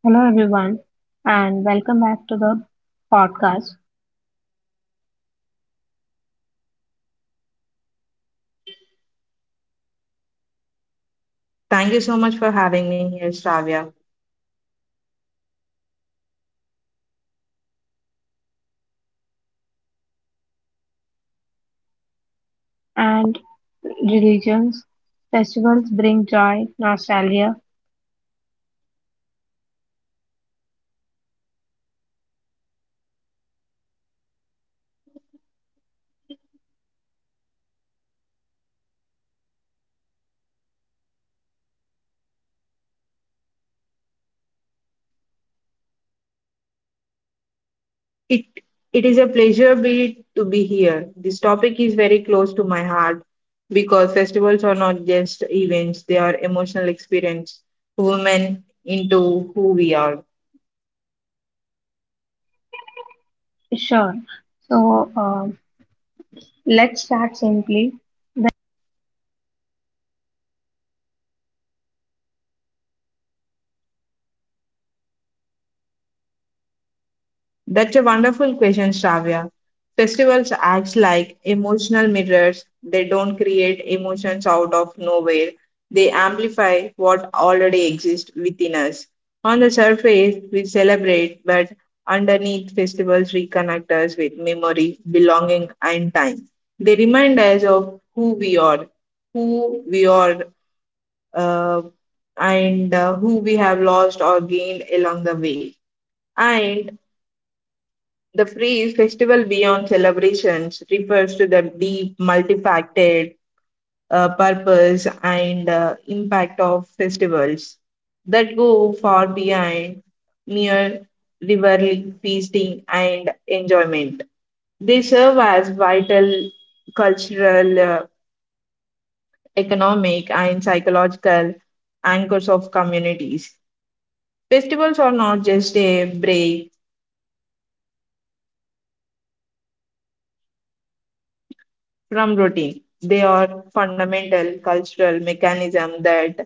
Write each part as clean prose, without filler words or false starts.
Hello, everyone, and welcome back to the podcast. Thank you so much for having me here, Shravya. And religions, festivals bring joy, nostalgia, It it is a pleasure be to be here. This topic is very close to my heart because festivals are not just events; they are emotional experience women into who we are. sure. So, um let's start simply. That's a wonderful question, Shravya. Festivals act like emotional mirrors. They don't create emotions out of nowhere. They amplify what already exists within us. On the surface, we celebrate, but underneath, festivals reconnect us with memory, belonging, and time. They remind us of who we are, who we are, uh, and who we have lost or gained along the way. And the phrase festival beyond celebrations refers to the deep, multifaceted purpose and impact of festivals that go far beyond mere rivalry, feasting, and enjoyment. They serve as vital cultural, economic, and psychological anchors of communities. Festivals are not just a break from routine. They are fundamental cultural mechanism that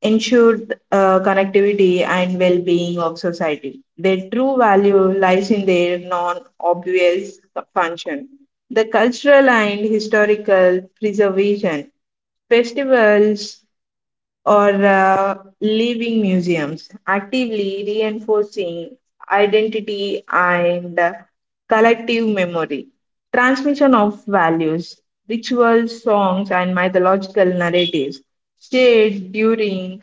ensure connectivity and well-being of society. Their true value lies in their non-obvious function. The cultural and historical preservation festivals or living museums, actively reinforcing identity and collective memory, transmission of values, rituals, songs, and mythological narratives shared during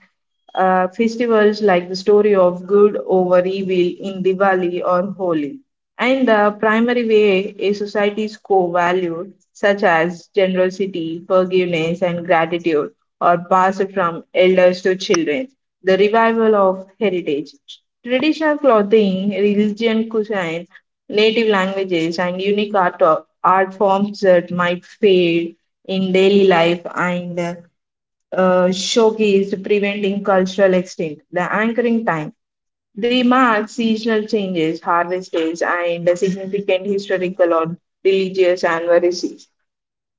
festivals like the story of good over evil in Diwali or Holi. And the primary way a society's core values, such as generosity, forgiveness, and gratitude, or passed from elders to children. The revival of heritage. Traditional clothing, religion cuisine, native languages, and unique art forms that might fade in daily life and showcased preventing cultural extinct. The anchoring time. They mark seasonal changes, harvest days, and significant historical or religious anniversaries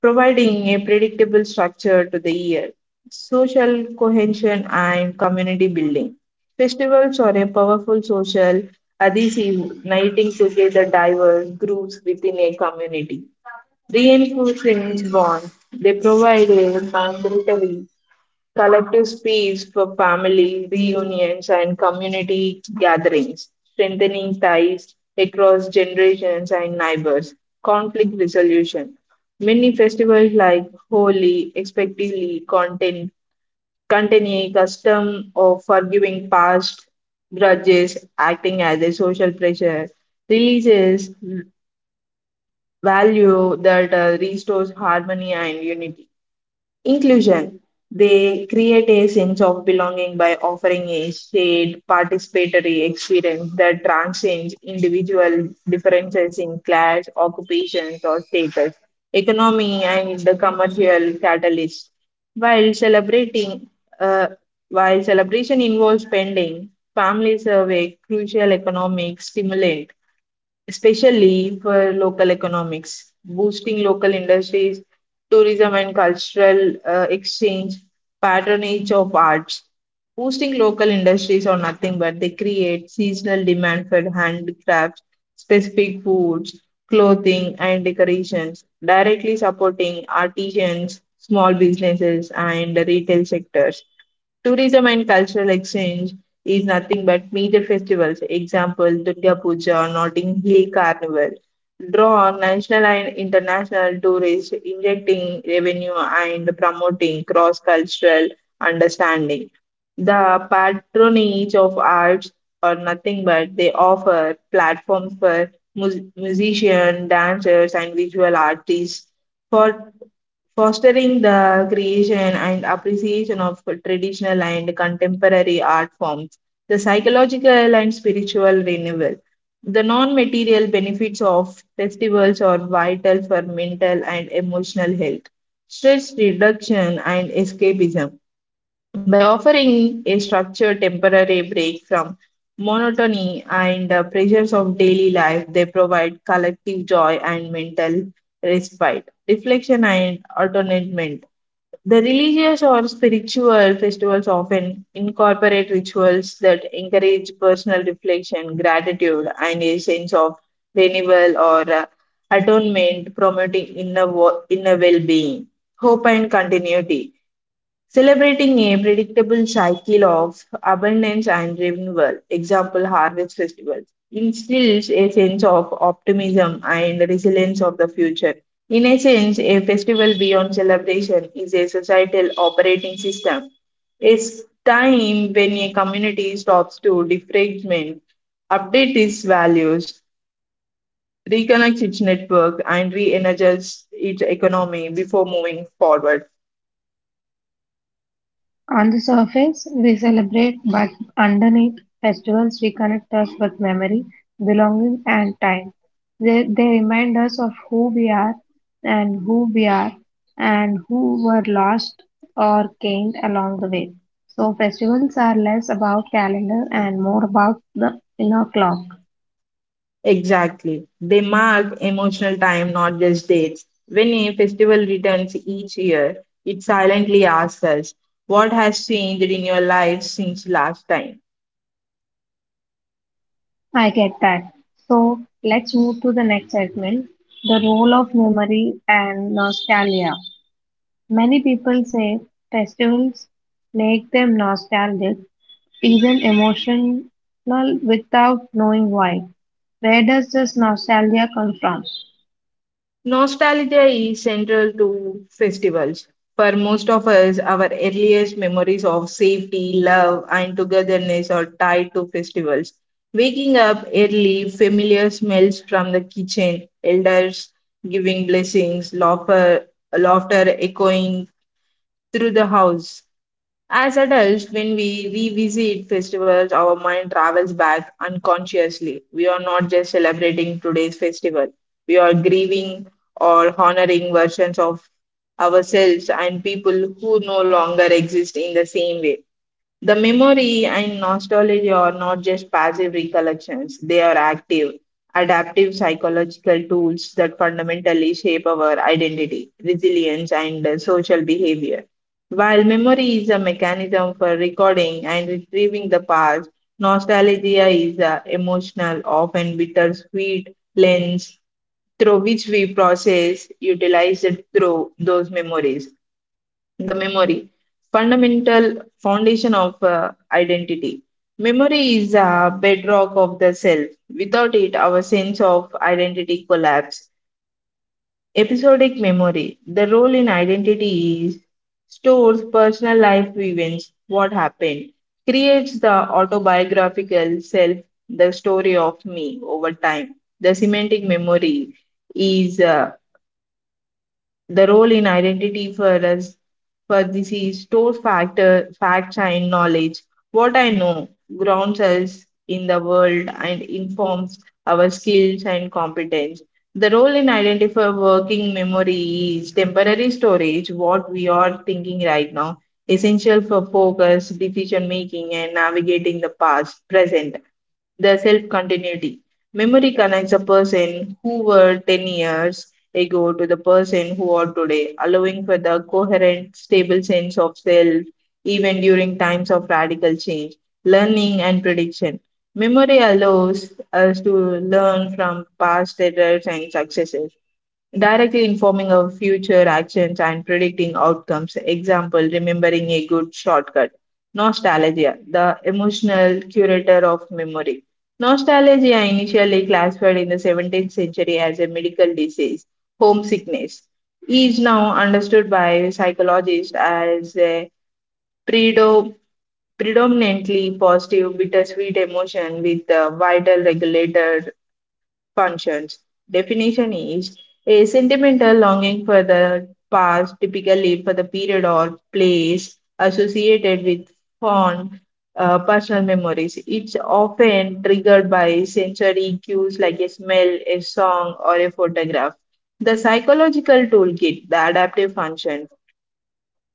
providing a predictable structure to the year. Social cohesion and community building. Festivals are a powerful social adhesive, uniting together diverse groups within a community. Reinforcing bonds, they provide a mandatory collective space for family reunions and community gatherings, strengthening ties across generations and neighbors, conflict resolution. Many festivals like Holi, expectively, contain a custom of forgiving past grudges, acting as a social pressure, releases value that restores harmony and unity. Inclusion. They create a sense of belonging by offering a shared participatory experience that transcends individual differences in class, occupations, or status, economy, and the commercial catalyst. While celebrating, uh, while celebration involves spending, families serve a crucial economic stimulant especially for local economics, boosting local industries, tourism and cultural exchange, patronage of arts. Boosting local industries are nothing but they create seasonal demand for handicrafts, specific foods, clothing, and decorations, directly supporting artisans, small businesses, and the retail sectors. Tourism and cultural exchange is nothing but major festivals, example Durga Puja, Notting Hill Carnival, draw on national and international tourists, injecting revenue and promoting cross-cultural understanding. The patronage of arts are nothing but they offer platforms for musicians, dancers, and visual artists. For fostering the creation and appreciation of traditional and contemporary art forms, the psychological and spiritual renewal. The non material benefits of festivals are vital for mental and emotional health, stress reduction, and escapism. By offering a structured temporary break from monotony and the pressures of daily life, they provide collective joy and mental respite, reflection, and atonement. The religious or spiritual festivals often incorporate rituals that encourage personal reflection, gratitude, and a sense of renewal or atonement, promoting inner well being, hope, and continuity celebrating a predictable cycle of abundance and renewal, example harvest festivals, instills a sense of optimism and resilience of the future. In a sense, a festival beyond celebration is a societal operating system. It's time when a community stops to defragment, update its values, reconnects its network, and re energizes its economy before moving forward. On the surface, we celebrate, but underneath, festivals reconnect us with memory, belonging, and time. They remind us of who we are and who we are and who were lost or gained along the way. So, festivals are less about calendar and more about the inner clock. Exactly. They mark emotional time, not just dates. When a festival returns each year, it silently asks us, what has changed in your life since last time? I get that. So, let's move to the next segment, the role of memory and nostalgia. Many people say festivals make them nostalgic, even emotional without knowing why. Where does this nostalgia come from? Nostalgia is central to festivals. For most of us, our earliest memories of safety, love, and togetherness are tied to festivals. Waking up early, familiar smells from the kitchen, elders giving blessings, laughter echoing through the house. As adults, when we revisit festivals, our mind travels back unconsciously. We are not just celebrating today's festival, we are grieving or honoring versions of ourselves and people who no longer exist in the same way. The memory and nostalgia are not just passive recollections, they are active, adaptive psychological tools that fundamentally shape our identity, resilience, and social behavior. While memory is a mechanism for recording and retrieving the past, nostalgia is an emotional, often bittersweet lens through which we process, utilize, and through those memories the memory fundamental foundation of identity memory is a bedrock of the self without it our sense of identity collapse episodic memory the role in identity is stores personal life events what happened creates the autobiographical self the story of me over time the semantic memory is the role in identity for us for this is stores factor, facts and knowledge. What I know grounds us in the world and informs our skills and competence. The role in identifier working memory is temporary storage, what we are thinking right now, essential for focus, decision making, and navigating the past, present the self continuity. Memory connects a person who were 10 years they go to the person who are today, allowing for the coherent, stable sense of self, even during times of radical change, learning and prediction. Memory allows us to learn from past errors and successes directly informing our future actions and predicting outcomes. Example, remembering a good shortcut. Nostalgia, the emotional curator of memory. Nostalgia, initially classified in the 17th century as a medical disease, homesickness, is now understood by psychologists as a predo- predominantly positive, bittersweet emotion with the vital regulator functions. Definition is a sentimental longing for the past, typically for the period or place associated with fond personal memories. It's often triggered by sensory cues like a smell, a song, or a photograph. The psychological toolkit, the adaptive function.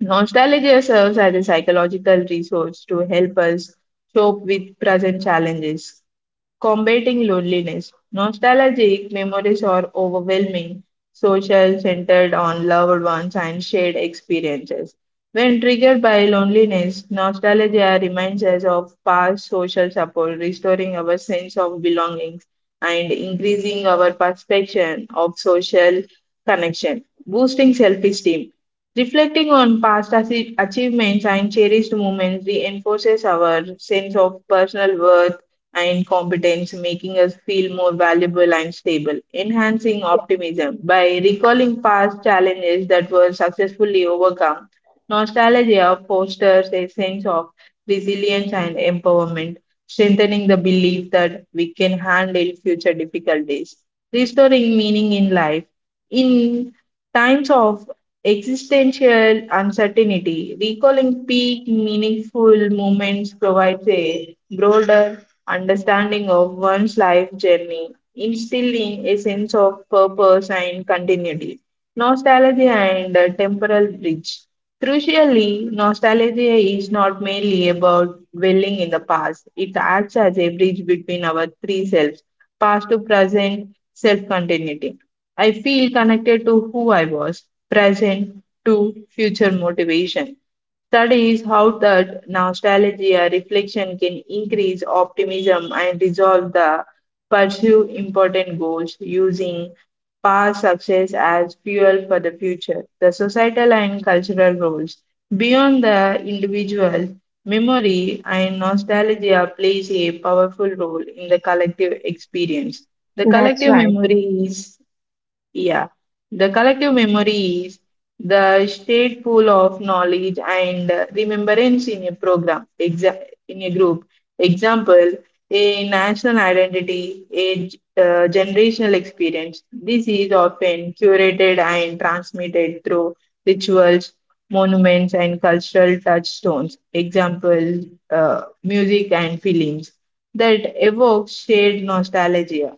Nostalgia serves as a psychological resource to help us cope with present challenges combating loneliness. Nostalgic memories are overwhelming, social, centered on loved ones and shared experiences. When triggered by loneliness, nostalgia reminds us of past social support, restoring our sense of belonging and increasing our perception of social connection, boosting self esteem. Reflecting on achievements and cherished moments reinforces our sense of personal worth and competence, making us feel more valuable and stable, enhancing optimism by recalling past challenges that were successfully overcome. Nostalgia fosters a sense of resilience and empowerment, strengthening the belief that we can handle future difficulties, restoring meaning in life. In times of existential uncertainty, recalling peak meaningful moments provides a broader understanding of one's life journey, instilling a sense of purpose and continuity. Nostalgia and a temporal bridge. Crucially, nostalgia is not merely about dwelling in the past, it acts as a bridge between our three selves past to present, self continuity. I feel connected to who I was, present to future motivation studies how that nostalgia reflection can increase optimism and resolve the pursue important goals using past success as fuel for the future. The societal and cultural roles beyond the individual memory and nostalgia plays a powerful role in the collective experience. The That's collective right, memory is yeah, the collective memory is the state pool of knowledge and remembrance in a program, exa in a group. Example, a national identity, a generational experience. This is often curated and transmitted through rituals, monuments, and cultural touchstones. Example, music and films that evoke shared nostalgia.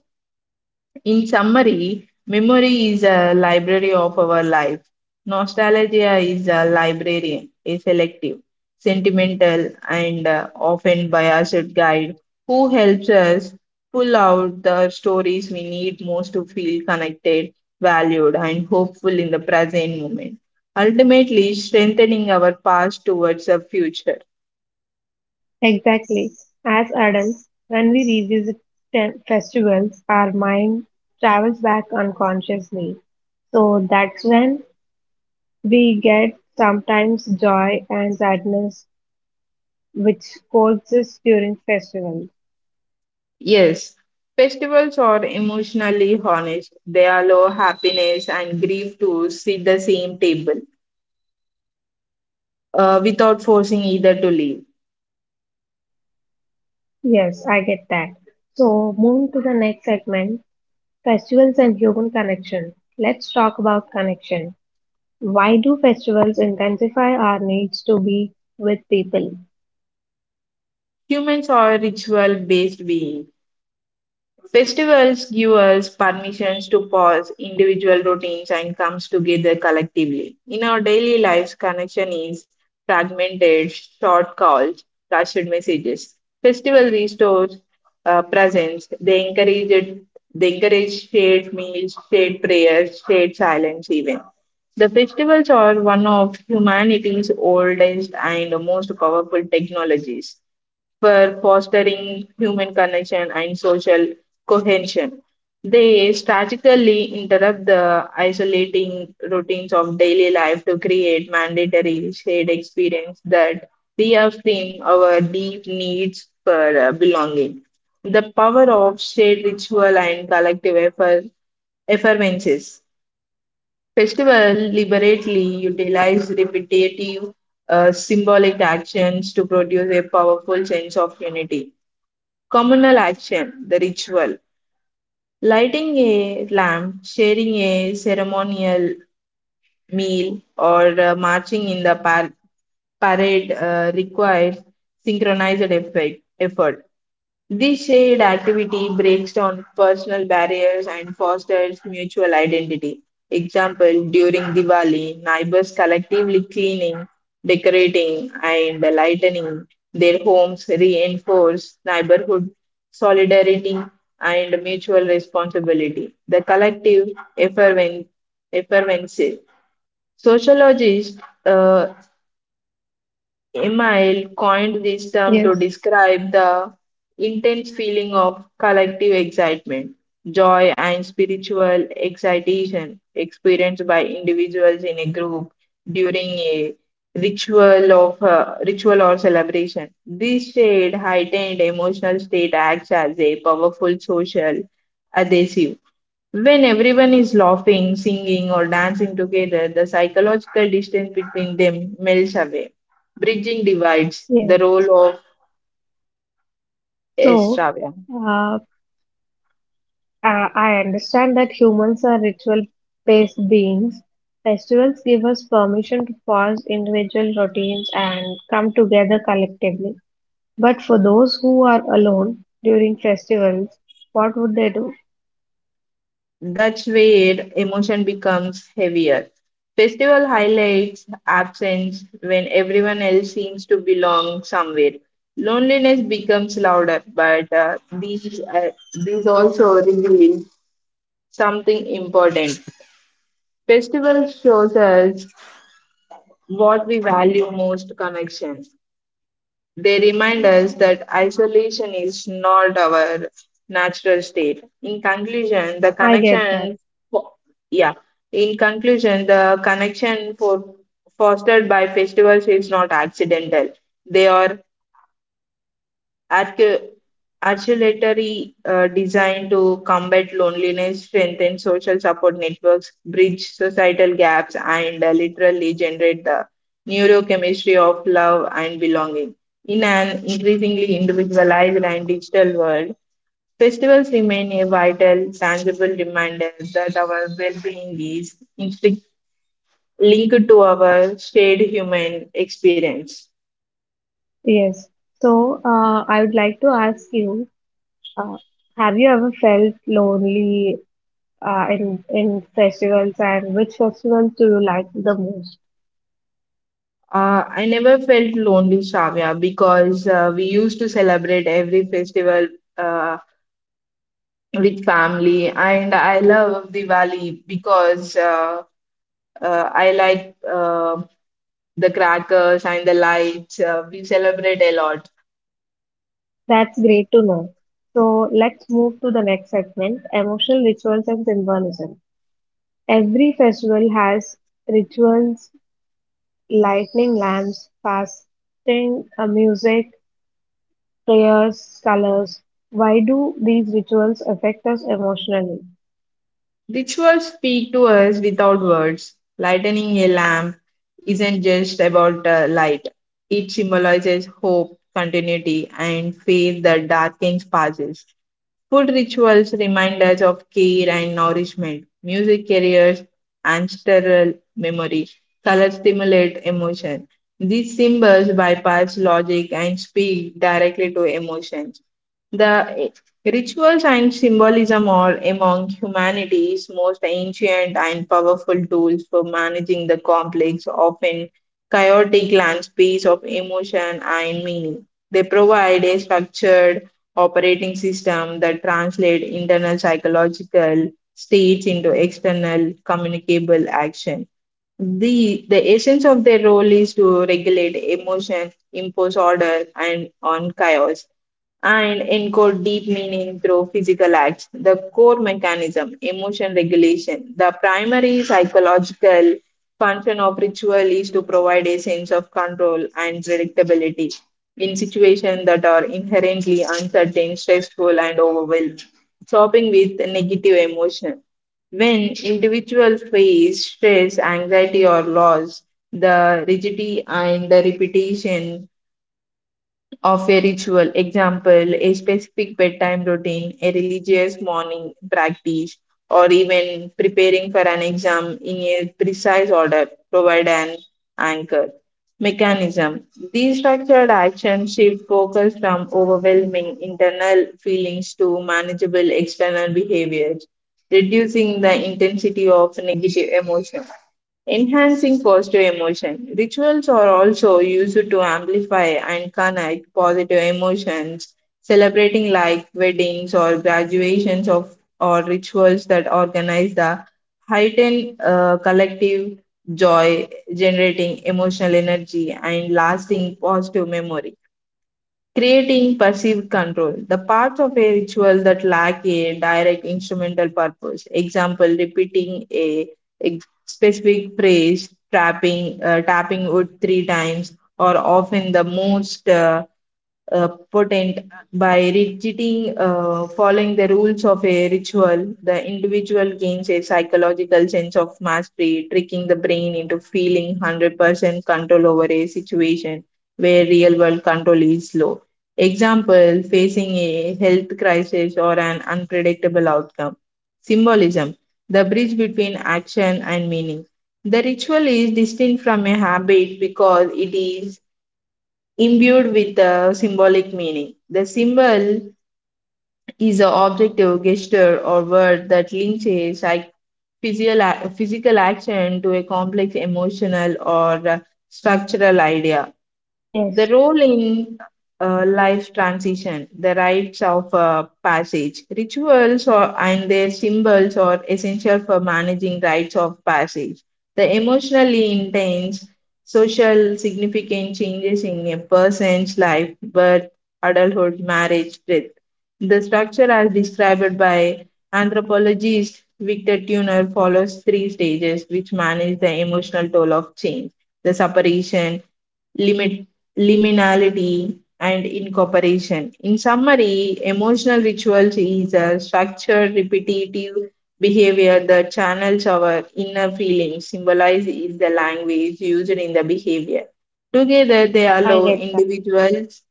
In summary, memory is a library of our life. Nostalgia is a librarian, a selective, sentimental, and often biased guide who helps us pull out the stories we need most to feel connected, valued, and hopeful in the present moment, ultimately strengthening our past towards the future. exactly. As adults, when we revisit festivals, our mind travels back unconsciously. So that's when we get sometimes joy and sadness, which coexist during festivals. Yes, festivals are emotionally honest. They allow happiness and grief to sit the same table without forcing either to leave. Yes, I get that. So, moving to the next segment, festivals and human connection. Let's talk about connection. Why do festivals intensify our needs to be with people? Humans are ritual based beings. Festivals give us permissions to pause individual routines and comes together collectively. In our daily lives, connection is fragmented, short calls, rushed messages. Festival restores presence. They encourage it, they encourage shared meals, shared prayers, shared silence even. The festivals are one of humanity's oldest and most powerful technologies for fostering human connection and social cohesion. They strategically interrupt the isolating routines of daily life to create mandatory shared experience that reaffirm our deep needs for belonging. The power of shared ritual and collective effort, effervences. Festival liberately utilize repetitive symbolic actions to produce a powerful sense of unity communal action, the ritual, lighting a lamp, sharing a ceremonial meal, or marching in the parade requires synchronized effort. This shared activity breaks down personal barriers and fosters mutual identity. Example, during Diwali, neighbors collectively cleaning, decorating, and lightening their homes reinforce neighborhood solidarity and mutual responsibility. The collective effervescence. Sociologists uh, Emile coined this term to Yes, describe the intense feeling of collective excitement, joy, and spiritual excitation experienced by individuals in a group during a ritual or celebration. This shared heightened emotional state acts as a powerful social adhesive. When everyone is laughing, singing, or dancing together, the psychological distance between them melts away, bridging divides, the yes. role of So, extravia. uh, I I understand that humans are ritual-based beings. Festivals give us permission to pause individual routines and come together collectively. But for those who are alone during festivals, what would they do? That's where emotion becomes heavier. Festival highlights absence when everyone else seems to belong somewhere. Loneliness becomes louder, but these also reveal something important. Festival shows us what we value most connection. They remind us that isolation is not our natural state. In conclusion, the I get that. connection, fo- yeah, in conclusion, the connection for fostered by festivals is not accidental. They are Arch- articulatory design to combat loneliness, strengthen social support networks, bridge societal gaps, and literally generate the neurochemistry of love and belonging. In an increasingly individualized and digital world, festivals remain a vital, tangible reminder that our well being is linked to our shared human experience. Yes. So, I would like to ask you, uh, have you ever felt lonely in festivals, and which festivals do you like the most? I never felt lonely, Shavya, because we used to celebrate every festival uh, with family, and I love Diwali because I like the crackers and the lights. We celebrate a lot. That's great to know. So, let's move to the next segment, emotional rituals and symbolism. Every festival has rituals, lighting lamps, fasting, music, prayers, colors. Why do these rituals affect us emotionally? Rituals speak to us without words. Lightening a lamp isn't just about light. It symbolizes hope, continuity, and faith that darkens passes. Food rituals remind us of care and nourishment. Music carries ancestral memory. Color stimulate emotion. These symbols bypass logic and speak directly to emotion. The rituals and symbolism are among humanity's most ancient and powerful tools for managing the complex, often chaotic landscapes of emotion and meaning. They provide a structured operating system that translates internal psychological states into external communicable action. The essence of their role is to regulate emotion, impose order, and on chaos and encode deep meaning through physical acts. The core mechanism, emotion regulation. The primary psychological function of ritual is to provide a sense of control and predictability in situations that are inherently uncertain, stressful, and overwhelming. Shopping with negative emotion. When individuals face stress, anxiety, or loss, the rigidity and the repetition of a ritual. Example, a specific bedtime routine, a religious morning practice, or even preparing for an exam in a precise order provide an anchor. Mechanism. These structured actions shift focus from overwhelming internal feelings to manageable external behaviors, reducing the intensity of negative emotions. Enhancing positive emotion. Rituals are also used to amplify and connect positive emotions, celebrating like weddings or graduations of or rituals that organize the heightened collective joy, generating emotional energy and lasting positive memory creating passive control, the parts of a ritual that lack a direct instrumental purpose. Example, repeating a specific phrase, tapping, tapping wood three times, or often the most potent by rigidity, following the rules of a ritual. The individual gains a psychological sense of mastery, tricking the brain into feeling 100% control over a situation where real world control is low. Example facing a health crisis or an unpredictable outcome. Symbolism the bridge between action and meaning. The ritual is distinct from a habit because it is imbued with a symbolic meaning. The symbol is an objective gesture or word that links a physical, physical action to a complex emotional or structural idea. The Yes. role in life transition, the rites of passage, rituals or, and their symbols are essential for managing rites of passage. The emotionally intense, social significant changes in a person's life, birth, adulthood, marriage, death. The structure, as described by anthropologist Victor Turner, follows three stages which manage the emotional toll of change the separation, limit, liminality, and incorporation. In summary, emotional rituals is a structured, repetitive behavior that channels our inner feelings, symbolized is the language used in the behavior. Together, they I allow get that. individuals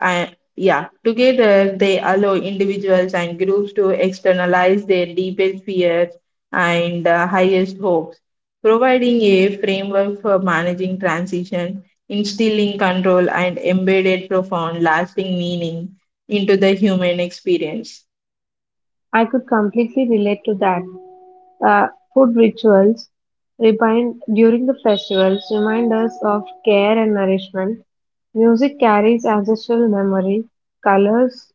and yeah, together they allow individuals and groups to externalize their deepest fears and highest hopes, providing a framework for managing transition, instilling control, and embedded profound, lasting meaning into the human experience. I could completely relate to that. Uh, Food rituals remind during the festivals remind us of care and nourishment. Music carries ancestral memory. Colors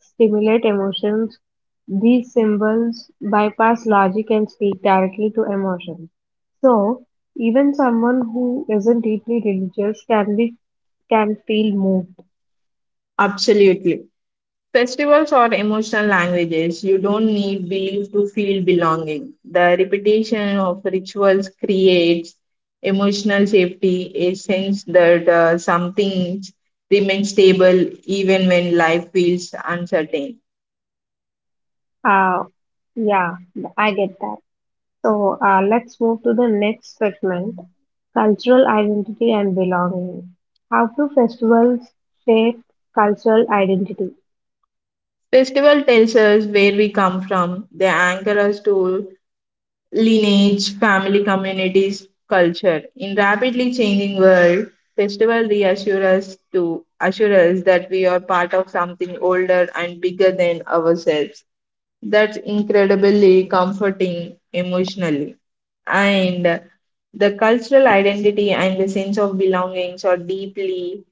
stimulate emotions. These symbols bypass logic and speak directly to emotions. So, even someone who isn't deeply religious can feel moved. Absolutely. Festivals are emotional languages. You don't need belief to feel belonging. The repetition of rituals creates emotional safety, a sense that some things remain stable even when life feels uncertain. Uh, yeah, I get that. So, let's move to the next segment, cultural identity and belonging. How do festivals shape cultural identity? Festival tells us where we come from. They anchor us to lineage, family, communities, culture. In rapidly changing world, festival reassure us to assure us that we are part of something older and bigger than ourselves. That's incredibly comforting emotionally. And the cultural identity and the sense of belongings are deeply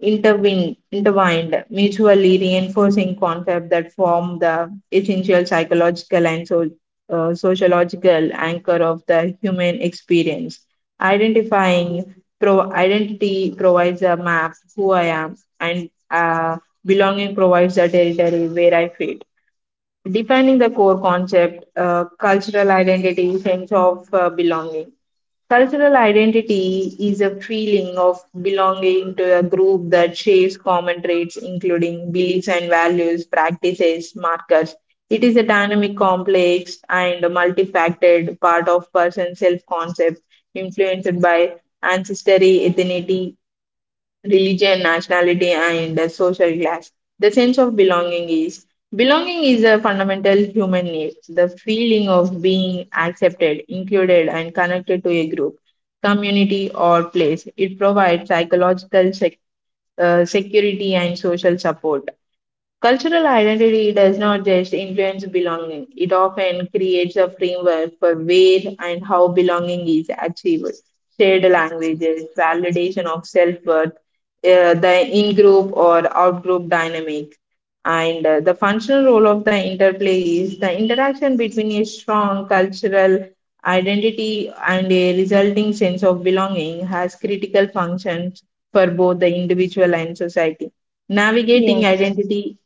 intertwined mutually reinforcing concepts that form the essential psychological and sociological anchor of the human experience. Identifying identity provides a map who I am, and belonging provides a territory where I fit defining the core concept, cultural identity, sense of belonging. Cultural identity is a feeling of belonging to a group that shares common traits, including beliefs and values, practices, markers. It is a dynamic, complex, and multifaceted part of person's self concept, influenced by ancestry, ethnicity, religion, nationality, and social class. The sense of belonging is a fundamental human need. The feeling of being accepted, included, and connected to a group, community, or place. It provides psychological security and social support. Cultural identity does not just influence belonging, it often creates a framework for where and how belonging is achieved. Shared languages, validation of self worth, the in group or out group dynamic, and the functional role of the interplay is the interaction between a strong cultural identity and a resulting sense of belonging has critical functions for both the individual and society. Navigating Yes, identity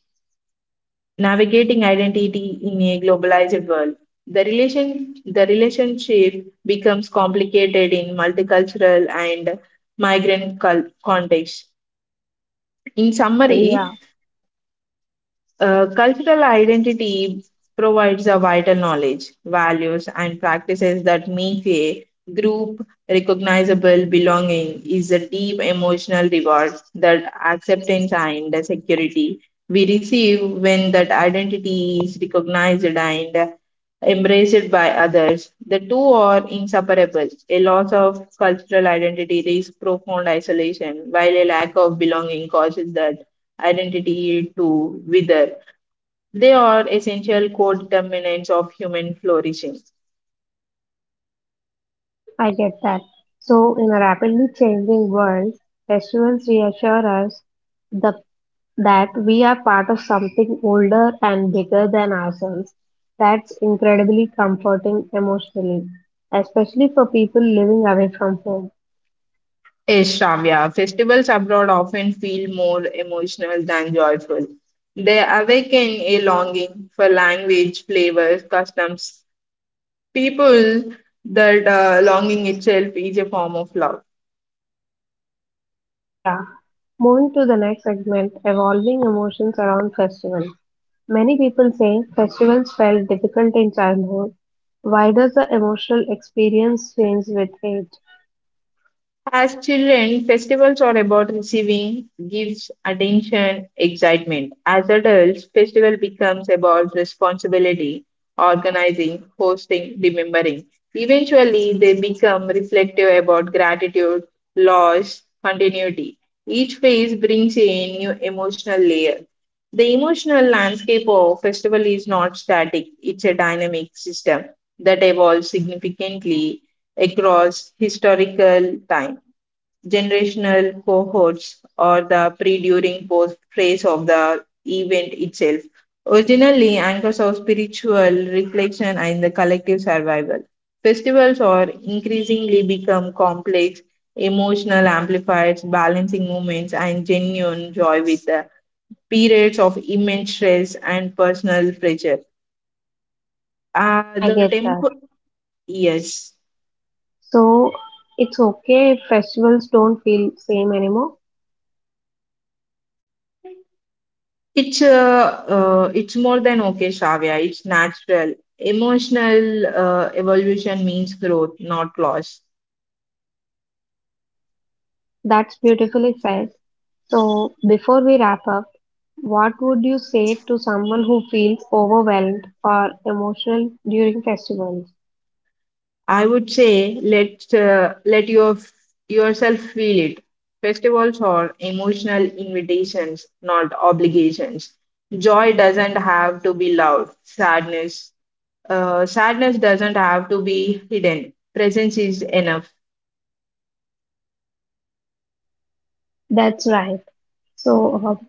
navigating identity in a globalized world. The relationship becomes complicated in multicultural and contexts. In yeah, summary, cultural identity provides a vital knowledge, values, and practices that make a group recognizable. Belonging is a deep emotional reward that acceptance and the security we receive when that identity is recognized and embraced by others. The two are inseparable. A loss of cultural identity risks profound isolation, while a lack of belonging causes that identity to wither. They are essential co-determinants of human flourishing. I get that. So, in a rapidly changing world, festivals reassure us the, that we are part of something older and bigger than ourselves. That's incredibly comforting emotionally, especially for people living away from home. Yes, Shravya, festivals abroad often feel more emotional than joyful. They awaken a longing for language, flavors, customs, people, that longing itself is a form of love. Yeah. Moving to the next segment, evolving emotions around festival. Many people say festivals felt difficult in childhood. Why does the emotional experience change with age? As children, festivals are about receiving gifts, attention, excitement. As adults, festival becomes about responsibility, organizing, hosting, remembering. Eventually, they become reflective about gratitude, loss, continuity. Each phase brings a new emotional layer. The emotional landscape of festival is not static, it's a dynamic system that evolves significantly across historical time generational cohorts or the pre during post phase of the event itself. Originally, anchors of spiritual reflection and the collective survival. Festivals are increasingly become complex, emotional amplifiers, balancing moments, and genuine joy with the periods of immense stress and personal pressure. I The get that. temple, yes. So it's okay if festivals don't feel same anymore. It's more than okay, Shavya. It's natural. Emotional evolution means growth, not loss. That's beautifully said. So before we wrap up, what would you say to someone who feels overwhelmed or emotional during festivals? I would say let your yourself feel it. Festivals are emotional invitations, not obligations. Joy doesn't have to be loud. Sadness doesn't have to be hidden. Presence is enough. That's right. So, uh,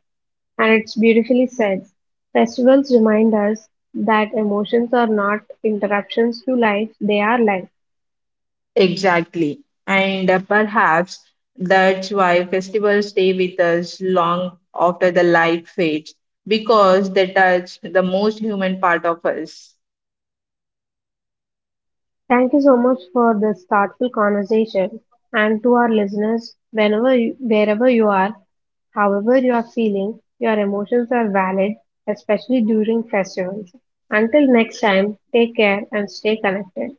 And it's beautifully said. Festivals remind us that emotions are not interruptions to life, they are life. Exactly. And perhaps that's why festivals stay with us long after the light fades, because they touch the most human part of us. Thank you so much for this thoughtful conversation. And to our listeners, wherever you are, however you are feeling, your emotions are valid, especially during festivals. Until next time, take care and stay connected.